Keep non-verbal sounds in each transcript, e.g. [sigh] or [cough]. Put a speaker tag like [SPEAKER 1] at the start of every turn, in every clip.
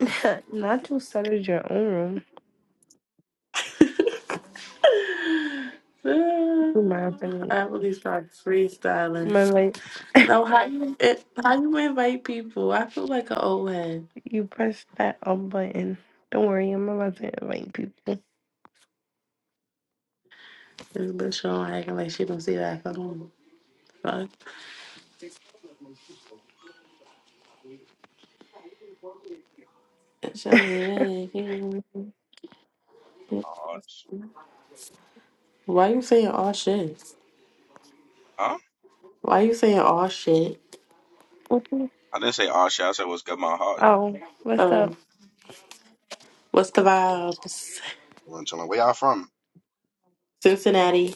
[SPEAKER 1] [laughs] Not to settle your own room, in my opinion.
[SPEAKER 2] I really start
[SPEAKER 1] My
[SPEAKER 2] freestyling.
[SPEAKER 1] like,
[SPEAKER 2] No, how you it, how you invite people? I feel like an old head.
[SPEAKER 1] you press that up button. Don't worry, I'm about to invite people.
[SPEAKER 2] This bitch on acting like she don't see that phone. Fuck. It's your
[SPEAKER 1] [laughs]
[SPEAKER 2] baby.
[SPEAKER 3] Osh.
[SPEAKER 2] Why you saying all shit?
[SPEAKER 3] Huh?
[SPEAKER 2] Why you saying all shit?
[SPEAKER 1] Okay.
[SPEAKER 3] I didn't say Osh. I said what's good, my heart.
[SPEAKER 1] oh, what's up?
[SPEAKER 2] Um, what's the vibes?
[SPEAKER 3] Chillin', chillin'. Where y'all from?
[SPEAKER 2] Cincinnati.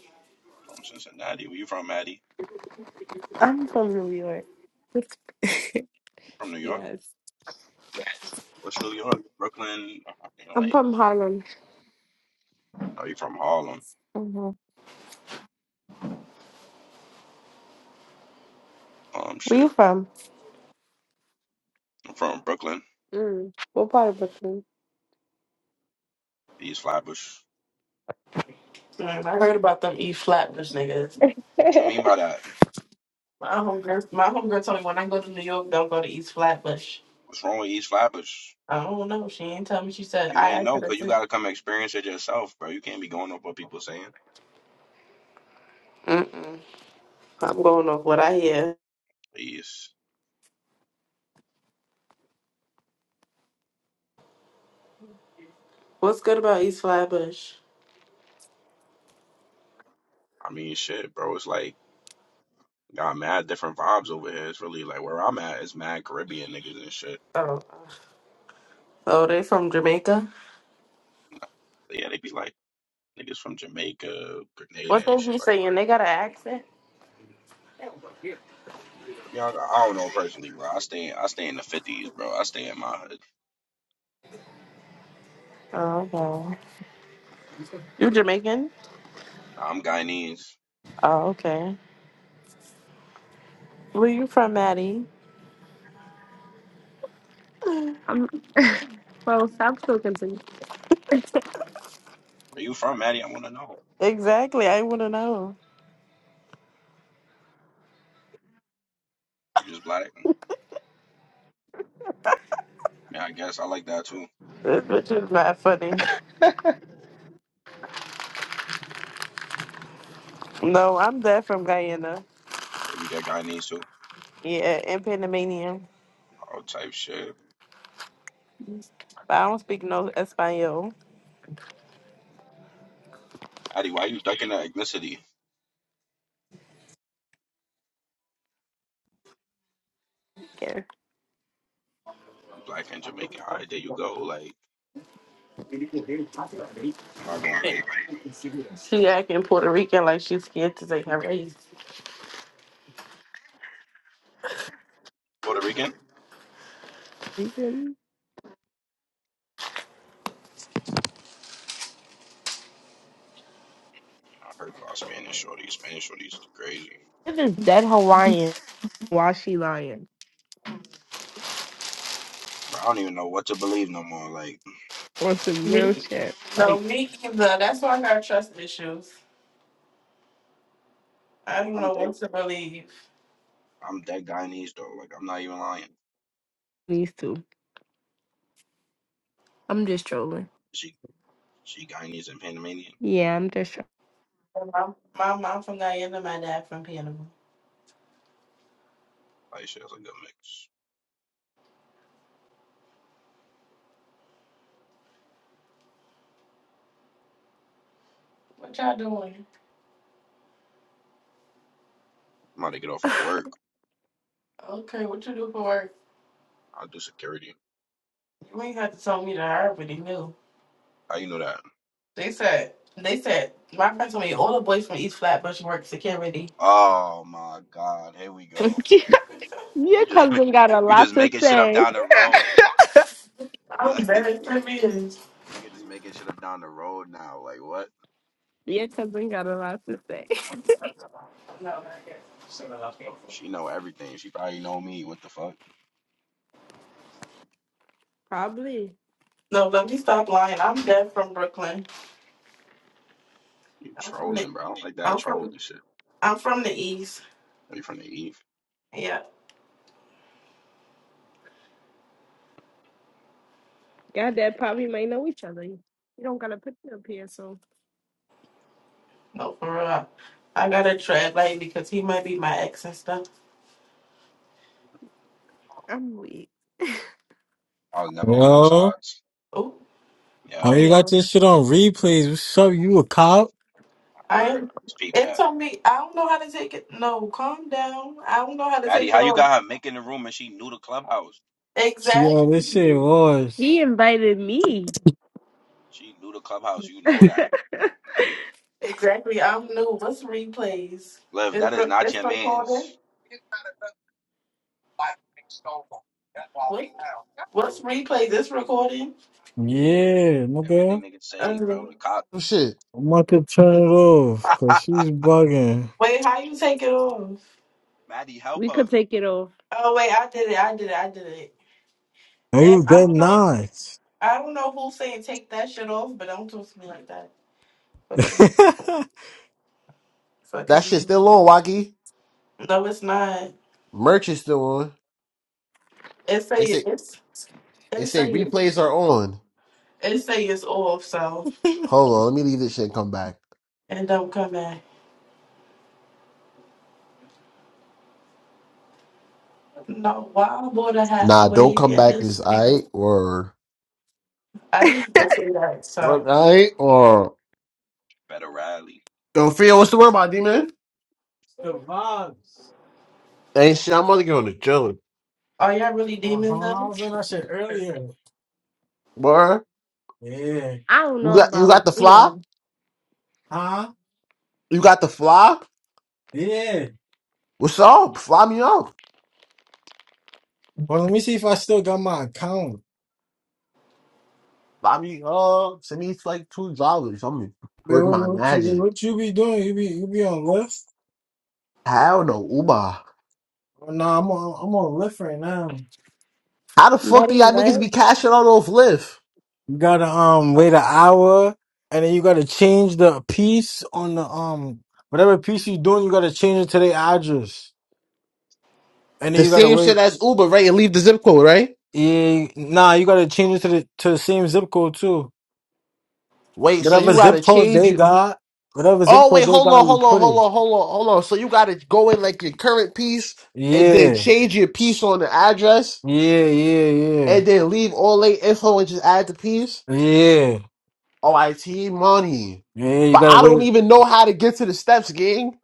[SPEAKER 3] From Cincinnati. Where you from, Maddie?
[SPEAKER 1] I'm from New York. What's-
[SPEAKER 3] You from New
[SPEAKER 1] [laughs]
[SPEAKER 3] York?
[SPEAKER 1] yes,
[SPEAKER 3] What's New York? Brooklyn? Uh,
[SPEAKER 1] I'm
[SPEAKER 3] Like,
[SPEAKER 1] from Harlem.
[SPEAKER 3] are you from Harlem?
[SPEAKER 1] hmm
[SPEAKER 3] Um,
[SPEAKER 1] Where you
[SPEAKER 3] shit.
[SPEAKER 1] from?
[SPEAKER 3] I'm from Brooklyn,
[SPEAKER 1] Mm. What part of Brooklyn?
[SPEAKER 3] East Flatbush. What
[SPEAKER 2] Mm, I heard about them East Flatbush niggas.
[SPEAKER 3] you mean by that?
[SPEAKER 2] My homegirl, my homegirl told me when I go to New York, don't go to East Flatbush.
[SPEAKER 3] What's wrong with East Flatbush?
[SPEAKER 2] I don't know. She ain't tell me. She said
[SPEAKER 3] You
[SPEAKER 2] I
[SPEAKER 3] ain't
[SPEAKER 2] asked her
[SPEAKER 3] know, cause
[SPEAKER 2] to
[SPEAKER 3] you
[SPEAKER 2] send.
[SPEAKER 3] gotta come experience it yourself, bro. You can't be going up what people saying.
[SPEAKER 2] Mm-mm. I'm going off what I hear.
[SPEAKER 3] Please.
[SPEAKER 2] What's good about East Flatbush?
[SPEAKER 3] I mean, shit, bro. It's like got mad different vibes over here. It's really like where I'm at is mad Caribbean niggas and shit.
[SPEAKER 2] Oh, Oh, they from Jamaica?
[SPEAKER 3] But yeah, they be like. niggas from Jamaica, Grenada,
[SPEAKER 2] What they
[SPEAKER 3] and shit
[SPEAKER 2] be
[SPEAKER 3] like.
[SPEAKER 2] saying? They got an accent?
[SPEAKER 3] That. I, mean, I, don't know personally, bro. I stay I stay in the fifties, bro. I stay in my hood.
[SPEAKER 2] Oh, okay. You Jamaican?
[SPEAKER 3] Nah, I'm Guyanese.
[SPEAKER 2] Oh, okay. Where you from, Maddie?
[SPEAKER 1] [laughs] I'm well. Stop talking to me. [laughs]
[SPEAKER 3] Where you from, Maddie? I want to know.
[SPEAKER 2] Exactly. I want to know.
[SPEAKER 3] You just black? Yeah, I guess I like that too.
[SPEAKER 2] This bitch is not funny. No, I'm that from Guyana.
[SPEAKER 3] Or you that Guyanese too?
[SPEAKER 2] Yeah, and Panamanian.
[SPEAKER 3] All type shit.
[SPEAKER 2] But I don't speak no Espanol.
[SPEAKER 3] Maddie, why you ducking that ethnicity?
[SPEAKER 1] Yeah.
[SPEAKER 3] You black and Jamaican. All right, there you go. Like I'm not gonna bite.
[SPEAKER 2] She acting Puerto Rican like she's scared to say her race.
[SPEAKER 3] Puerto Rican?
[SPEAKER 1] You can.
[SPEAKER 3] I heard about Spanish shorties. Spanish shorties crazy.
[SPEAKER 1] It is dead Hawaiian. Washi lion
[SPEAKER 3] Bro, I don't even know what to believe no more. Like
[SPEAKER 1] or some real
[SPEAKER 2] Me,
[SPEAKER 1] shit
[SPEAKER 2] no,
[SPEAKER 1] like
[SPEAKER 2] me either. That's why I got trust issues. I don't
[SPEAKER 3] I'm
[SPEAKER 2] know
[SPEAKER 3] that
[SPEAKER 2] what to believe.
[SPEAKER 3] I'm that Guyanese though. Like I'm not even lying.
[SPEAKER 1] these two. I'm just trolling.
[SPEAKER 3] She. She Guyanese and Panamanian.
[SPEAKER 1] Yeah, I'm just trolling.
[SPEAKER 2] My, my mom from Guyana, my dad from Panama.
[SPEAKER 3] Like she has a good mix.
[SPEAKER 2] What y'all doing?
[SPEAKER 3] I'm about to get off of work.
[SPEAKER 2] Okay, what you do for work?
[SPEAKER 3] I'll do security.
[SPEAKER 2] You ain't have to tell me that I already knew.
[SPEAKER 3] How you know that?
[SPEAKER 2] They said, they said, my friend told me all the boys from East Flatbush work security.
[SPEAKER 3] Oh my god, here we
[SPEAKER 1] [laughs]
[SPEAKER 3] go.
[SPEAKER 1] Your
[SPEAKER 3] You just ma-
[SPEAKER 1] cousin got a
[SPEAKER 3] you
[SPEAKER 1] lot
[SPEAKER 3] just
[SPEAKER 1] to
[SPEAKER 3] making shit up
[SPEAKER 1] say.
[SPEAKER 3] down the road. [laughs]
[SPEAKER 2] I'm
[SPEAKER 3] Like
[SPEAKER 2] dead serious.
[SPEAKER 3] nigga just making shit up down the road now. Like what?
[SPEAKER 1] Your cousin got a lot to say.
[SPEAKER 3] She know everything. She probably know me. What the fuck?
[SPEAKER 1] [laughs] Probably.
[SPEAKER 2] No, let me stop lying. I'm dead from Brooklyn.
[SPEAKER 3] You
[SPEAKER 2] I'm from the,
[SPEAKER 3] trolling, bro. I don't like that
[SPEAKER 2] I'm from,
[SPEAKER 3] trolling shit.
[SPEAKER 2] I'm from the East.
[SPEAKER 3] Are you from the Eve?
[SPEAKER 2] Yeah.
[SPEAKER 1] God, that probably may know each other. You don't gotta put them up here, so
[SPEAKER 2] No, for real. I gotta tread lightly because he might be my ex and stuff.
[SPEAKER 1] I'm weak.
[SPEAKER 3] I was never on them
[SPEAKER 4] Yo,
[SPEAKER 3] sides.
[SPEAKER 2] Oh,
[SPEAKER 4] how
[SPEAKER 3] Yo,
[SPEAKER 4] you got
[SPEAKER 1] Real.
[SPEAKER 4] this shit on replays? What's up? You a cop?
[SPEAKER 2] I
[SPEAKER 3] word.
[SPEAKER 2] am.
[SPEAKER 3] Just peep
[SPEAKER 2] It's
[SPEAKER 3] that.
[SPEAKER 2] on me. I don't know how to take it. No, calm down. I don't know how to
[SPEAKER 3] Maddie,
[SPEAKER 2] take
[SPEAKER 3] how
[SPEAKER 2] it
[SPEAKER 3] you
[SPEAKER 2] on.
[SPEAKER 3] got her making the room and she knew the clubhouse?
[SPEAKER 4] Yo, this shit
[SPEAKER 2] Exactly.
[SPEAKER 1] She
[SPEAKER 4] was.
[SPEAKER 1] invited me.
[SPEAKER 3] She knew the clubhouse. You
[SPEAKER 1] [laughs]
[SPEAKER 3] know that.
[SPEAKER 2] Exactly. I'm new. What's replays?
[SPEAKER 3] Liv, that
[SPEAKER 2] It's,
[SPEAKER 3] is
[SPEAKER 2] re-
[SPEAKER 3] not
[SPEAKER 2] it's
[SPEAKER 3] your
[SPEAKER 2] recording.
[SPEAKER 3] man's.
[SPEAKER 2] What? What's replays? It's recording.
[SPEAKER 3] Yeah.
[SPEAKER 4] Yeah, nigga.
[SPEAKER 3] Everything they can say, bro.
[SPEAKER 2] Um,
[SPEAKER 3] The cop.
[SPEAKER 5] Some shit.
[SPEAKER 4] I'm about to turn it off because she's bugging.
[SPEAKER 2] wait, how you take it off?
[SPEAKER 3] [laughs] Maddie, help
[SPEAKER 1] we
[SPEAKER 3] her.
[SPEAKER 1] could take it off.
[SPEAKER 2] Oh, wait, I did it. I did it. I did it.
[SPEAKER 4] And
[SPEAKER 2] And
[SPEAKER 4] you
[SPEAKER 2] I
[SPEAKER 4] dead
[SPEAKER 2] don't know.
[SPEAKER 4] nice.
[SPEAKER 2] I don't know who's saying take that shit off, but don't talk to me like that.
[SPEAKER 4] [laughs]
[SPEAKER 2] Fuck, you.
[SPEAKER 4] the
[SPEAKER 2] fuck
[SPEAKER 5] That
[SPEAKER 2] is
[SPEAKER 5] shit's
[SPEAKER 2] you.
[SPEAKER 5] still on, Wacky.
[SPEAKER 2] No, it's not.
[SPEAKER 5] Merch is still on.
[SPEAKER 2] It
[SPEAKER 5] They
[SPEAKER 2] say
[SPEAKER 5] say
[SPEAKER 2] it's
[SPEAKER 5] they
[SPEAKER 2] it
[SPEAKER 5] say
[SPEAKER 2] say it
[SPEAKER 5] replays are on.
[SPEAKER 2] it say it's off, so
[SPEAKER 5] Hold on, let me leave this shit and come back.
[SPEAKER 2] and don't come back. No, why wild water half
[SPEAKER 5] Nah, don't
[SPEAKER 2] wig
[SPEAKER 5] come
[SPEAKER 2] and
[SPEAKER 5] back
[SPEAKER 2] this
[SPEAKER 5] is
[SPEAKER 2] shit
[SPEAKER 5] I
[SPEAKER 2] is-
[SPEAKER 5] or
[SPEAKER 2] I didn't even say that. So
[SPEAKER 5] I or
[SPEAKER 3] Better rally.
[SPEAKER 5] Yo Fio, what's the word about D man?
[SPEAKER 4] vibes.
[SPEAKER 5] Ain't shit, I'm only going to chillin'.
[SPEAKER 2] are y'all really
[SPEAKER 4] Uh-huh.
[SPEAKER 2] demons
[SPEAKER 4] I
[SPEAKER 2] then?
[SPEAKER 4] was in that shit earlier.
[SPEAKER 5] Word?
[SPEAKER 4] Yeah.
[SPEAKER 1] I don't
[SPEAKER 5] You
[SPEAKER 1] know
[SPEAKER 5] got you
[SPEAKER 1] about
[SPEAKER 5] got the fly?
[SPEAKER 1] Leo.
[SPEAKER 4] Huh?
[SPEAKER 5] You got the fly?
[SPEAKER 4] Yeah.
[SPEAKER 5] What's up? Fly me up.
[SPEAKER 4] Well, let me see if I still got my account.
[SPEAKER 5] Fly me up. Send me like two dollars. I'm gonna
[SPEAKER 4] Wait,
[SPEAKER 5] work
[SPEAKER 4] what,
[SPEAKER 5] my
[SPEAKER 4] what you
[SPEAKER 5] magic.
[SPEAKER 4] what you be doing? You be you be on lift?
[SPEAKER 5] Hell no, Uber.
[SPEAKER 4] Nah, I'm on I'm on Lyft right now.
[SPEAKER 5] How the fuck do
[SPEAKER 1] Buddy,
[SPEAKER 5] y'all niggas
[SPEAKER 1] what?
[SPEAKER 5] be cashing out off Lyft?
[SPEAKER 4] You gotta um wait an hour, and then you gotta change the piece on the um whatever piece you doing. You gotta change it to the address, and then
[SPEAKER 5] The
[SPEAKER 4] you gotta
[SPEAKER 5] same
[SPEAKER 4] wait.
[SPEAKER 5] shit as Uber, right? And leave the zip code, right?
[SPEAKER 4] Yeah, nah, you gotta change it to the to the same zip code too.
[SPEAKER 5] Wait, so
[SPEAKER 4] Whatever
[SPEAKER 5] you
[SPEAKER 4] zip
[SPEAKER 5] gotta
[SPEAKER 4] code
[SPEAKER 5] change
[SPEAKER 4] they
[SPEAKER 5] it.
[SPEAKER 4] got, whatever zip
[SPEAKER 5] Oh wait,
[SPEAKER 4] code they
[SPEAKER 5] hold
[SPEAKER 4] got,
[SPEAKER 5] on,
[SPEAKER 4] you
[SPEAKER 5] hold on,
[SPEAKER 4] put
[SPEAKER 5] hold
[SPEAKER 4] it.
[SPEAKER 5] on, hold on, hold on. So you gotta go in like your current piece and then
[SPEAKER 4] Yeah,
[SPEAKER 5] change your piece on the address
[SPEAKER 4] yeah, yeah,
[SPEAKER 5] and
[SPEAKER 4] yeah,
[SPEAKER 5] then leave all late info and just add the piece.
[SPEAKER 4] yeah,
[SPEAKER 5] Oh, I T money.
[SPEAKER 4] yeah. You
[SPEAKER 5] But
[SPEAKER 4] gotta
[SPEAKER 5] I
[SPEAKER 4] wait,
[SPEAKER 5] don't even know how to get to the steps, gang.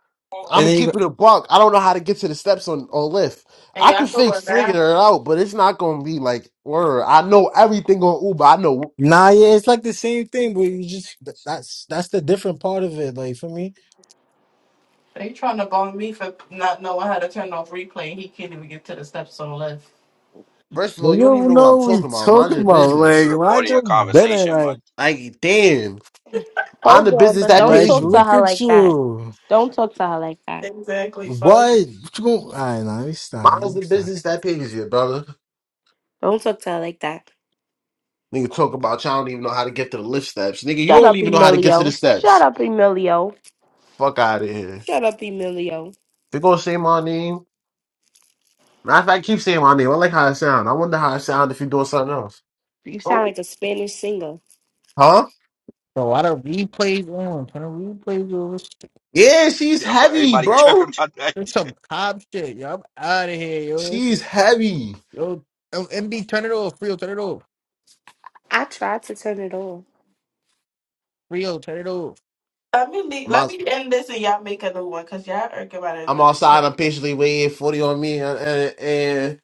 [SPEAKER 5] I'm
[SPEAKER 4] and
[SPEAKER 5] gonna
[SPEAKER 4] then you go,
[SPEAKER 5] keep it a buck. I don't know how to get to the steps on, on Lyft.
[SPEAKER 2] And
[SPEAKER 5] I can
[SPEAKER 2] y'all feel
[SPEAKER 5] fix
[SPEAKER 2] like
[SPEAKER 5] figuring it
[SPEAKER 2] that?
[SPEAKER 5] out, but it's not gonna be like word. I know everything on Uber. I know.
[SPEAKER 4] nah, yeah, it's like the same thing, but you just that's that's the different part of it. Like for me.
[SPEAKER 2] They trying to bone me for not knowing how to turn off replay and he can't even get to the steps on the left.
[SPEAKER 5] First of
[SPEAKER 4] Well,
[SPEAKER 5] all, you
[SPEAKER 4] you
[SPEAKER 5] don't even
[SPEAKER 4] don't
[SPEAKER 5] know what
[SPEAKER 4] know
[SPEAKER 5] I'm
[SPEAKER 4] what we
[SPEAKER 5] talking about. Mind
[SPEAKER 4] talking
[SPEAKER 5] your
[SPEAKER 4] about.
[SPEAKER 3] She
[SPEAKER 4] Like,
[SPEAKER 5] business.
[SPEAKER 4] I
[SPEAKER 3] recording your
[SPEAKER 4] just been it
[SPEAKER 3] conversation, man.
[SPEAKER 4] like,
[SPEAKER 5] Like, damn, I'm the
[SPEAKER 1] Hold on,
[SPEAKER 5] business
[SPEAKER 1] but
[SPEAKER 5] that
[SPEAKER 1] don't
[SPEAKER 4] like,
[SPEAKER 5] pays
[SPEAKER 1] talk to
[SPEAKER 5] you.
[SPEAKER 4] look
[SPEAKER 1] her
[SPEAKER 4] at
[SPEAKER 1] like that.
[SPEAKER 4] you.
[SPEAKER 1] Don't talk to her like that.
[SPEAKER 2] Exactly,
[SPEAKER 4] What?
[SPEAKER 2] fuck.
[SPEAKER 4] What you going? I know. Stop. Let
[SPEAKER 5] Mine's
[SPEAKER 4] me
[SPEAKER 5] the
[SPEAKER 4] Stop.
[SPEAKER 5] business that pays you, brother.
[SPEAKER 1] Don't talk to her like that.
[SPEAKER 5] Nigga, talk about you don't even know how to get to the lift steps. Nigga, you
[SPEAKER 1] Shut
[SPEAKER 5] don't
[SPEAKER 1] up,
[SPEAKER 5] even know how to get to the
[SPEAKER 1] Emilio. Shut
[SPEAKER 5] steps.
[SPEAKER 1] up, Emilio.
[SPEAKER 5] Fuck out of here.
[SPEAKER 1] Shut up, Emilio.
[SPEAKER 5] They gonna say my name. Matter of fact, keep saying my name. I like how it sound. I wonder how it sound if you're doing something else.
[SPEAKER 1] You sound like a Spanish singer.
[SPEAKER 5] Huh?
[SPEAKER 6] Bro, why the replays on? Turn the replays on.
[SPEAKER 5] Yeah,
[SPEAKER 3] [laughs]
[SPEAKER 5] she's
[SPEAKER 3] Yo,
[SPEAKER 5] heavy,
[SPEAKER 3] everybody tripping
[SPEAKER 5] bro.
[SPEAKER 3] about
[SPEAKER 6] It's
[SPEAKER 3] that.
[SPEAKER 6] some cop shit, yo. I'm out of here, yo.
[SPEAKER 5] She's heavy.
[SPEAKER 6] Yo, um, MB, turn it off. Frio, turn it off.
[SPEAKER 1] I tried to turn it off.
[SPEAKER 6] Frio, turn it off.
[SPEAKER 2] Let me leave,
[SPEAKER 5] My,
[SPEAKER 2] let me end this and y'all make a new one because y'all argue about it
[SPEAKER 5] I'm
[SPEAKER 2] with
[SPEAKER 5] outside.
[SPEAKER 2] the
[SPEAKER 5] I'm patiently waiting. Forty on me, and, and,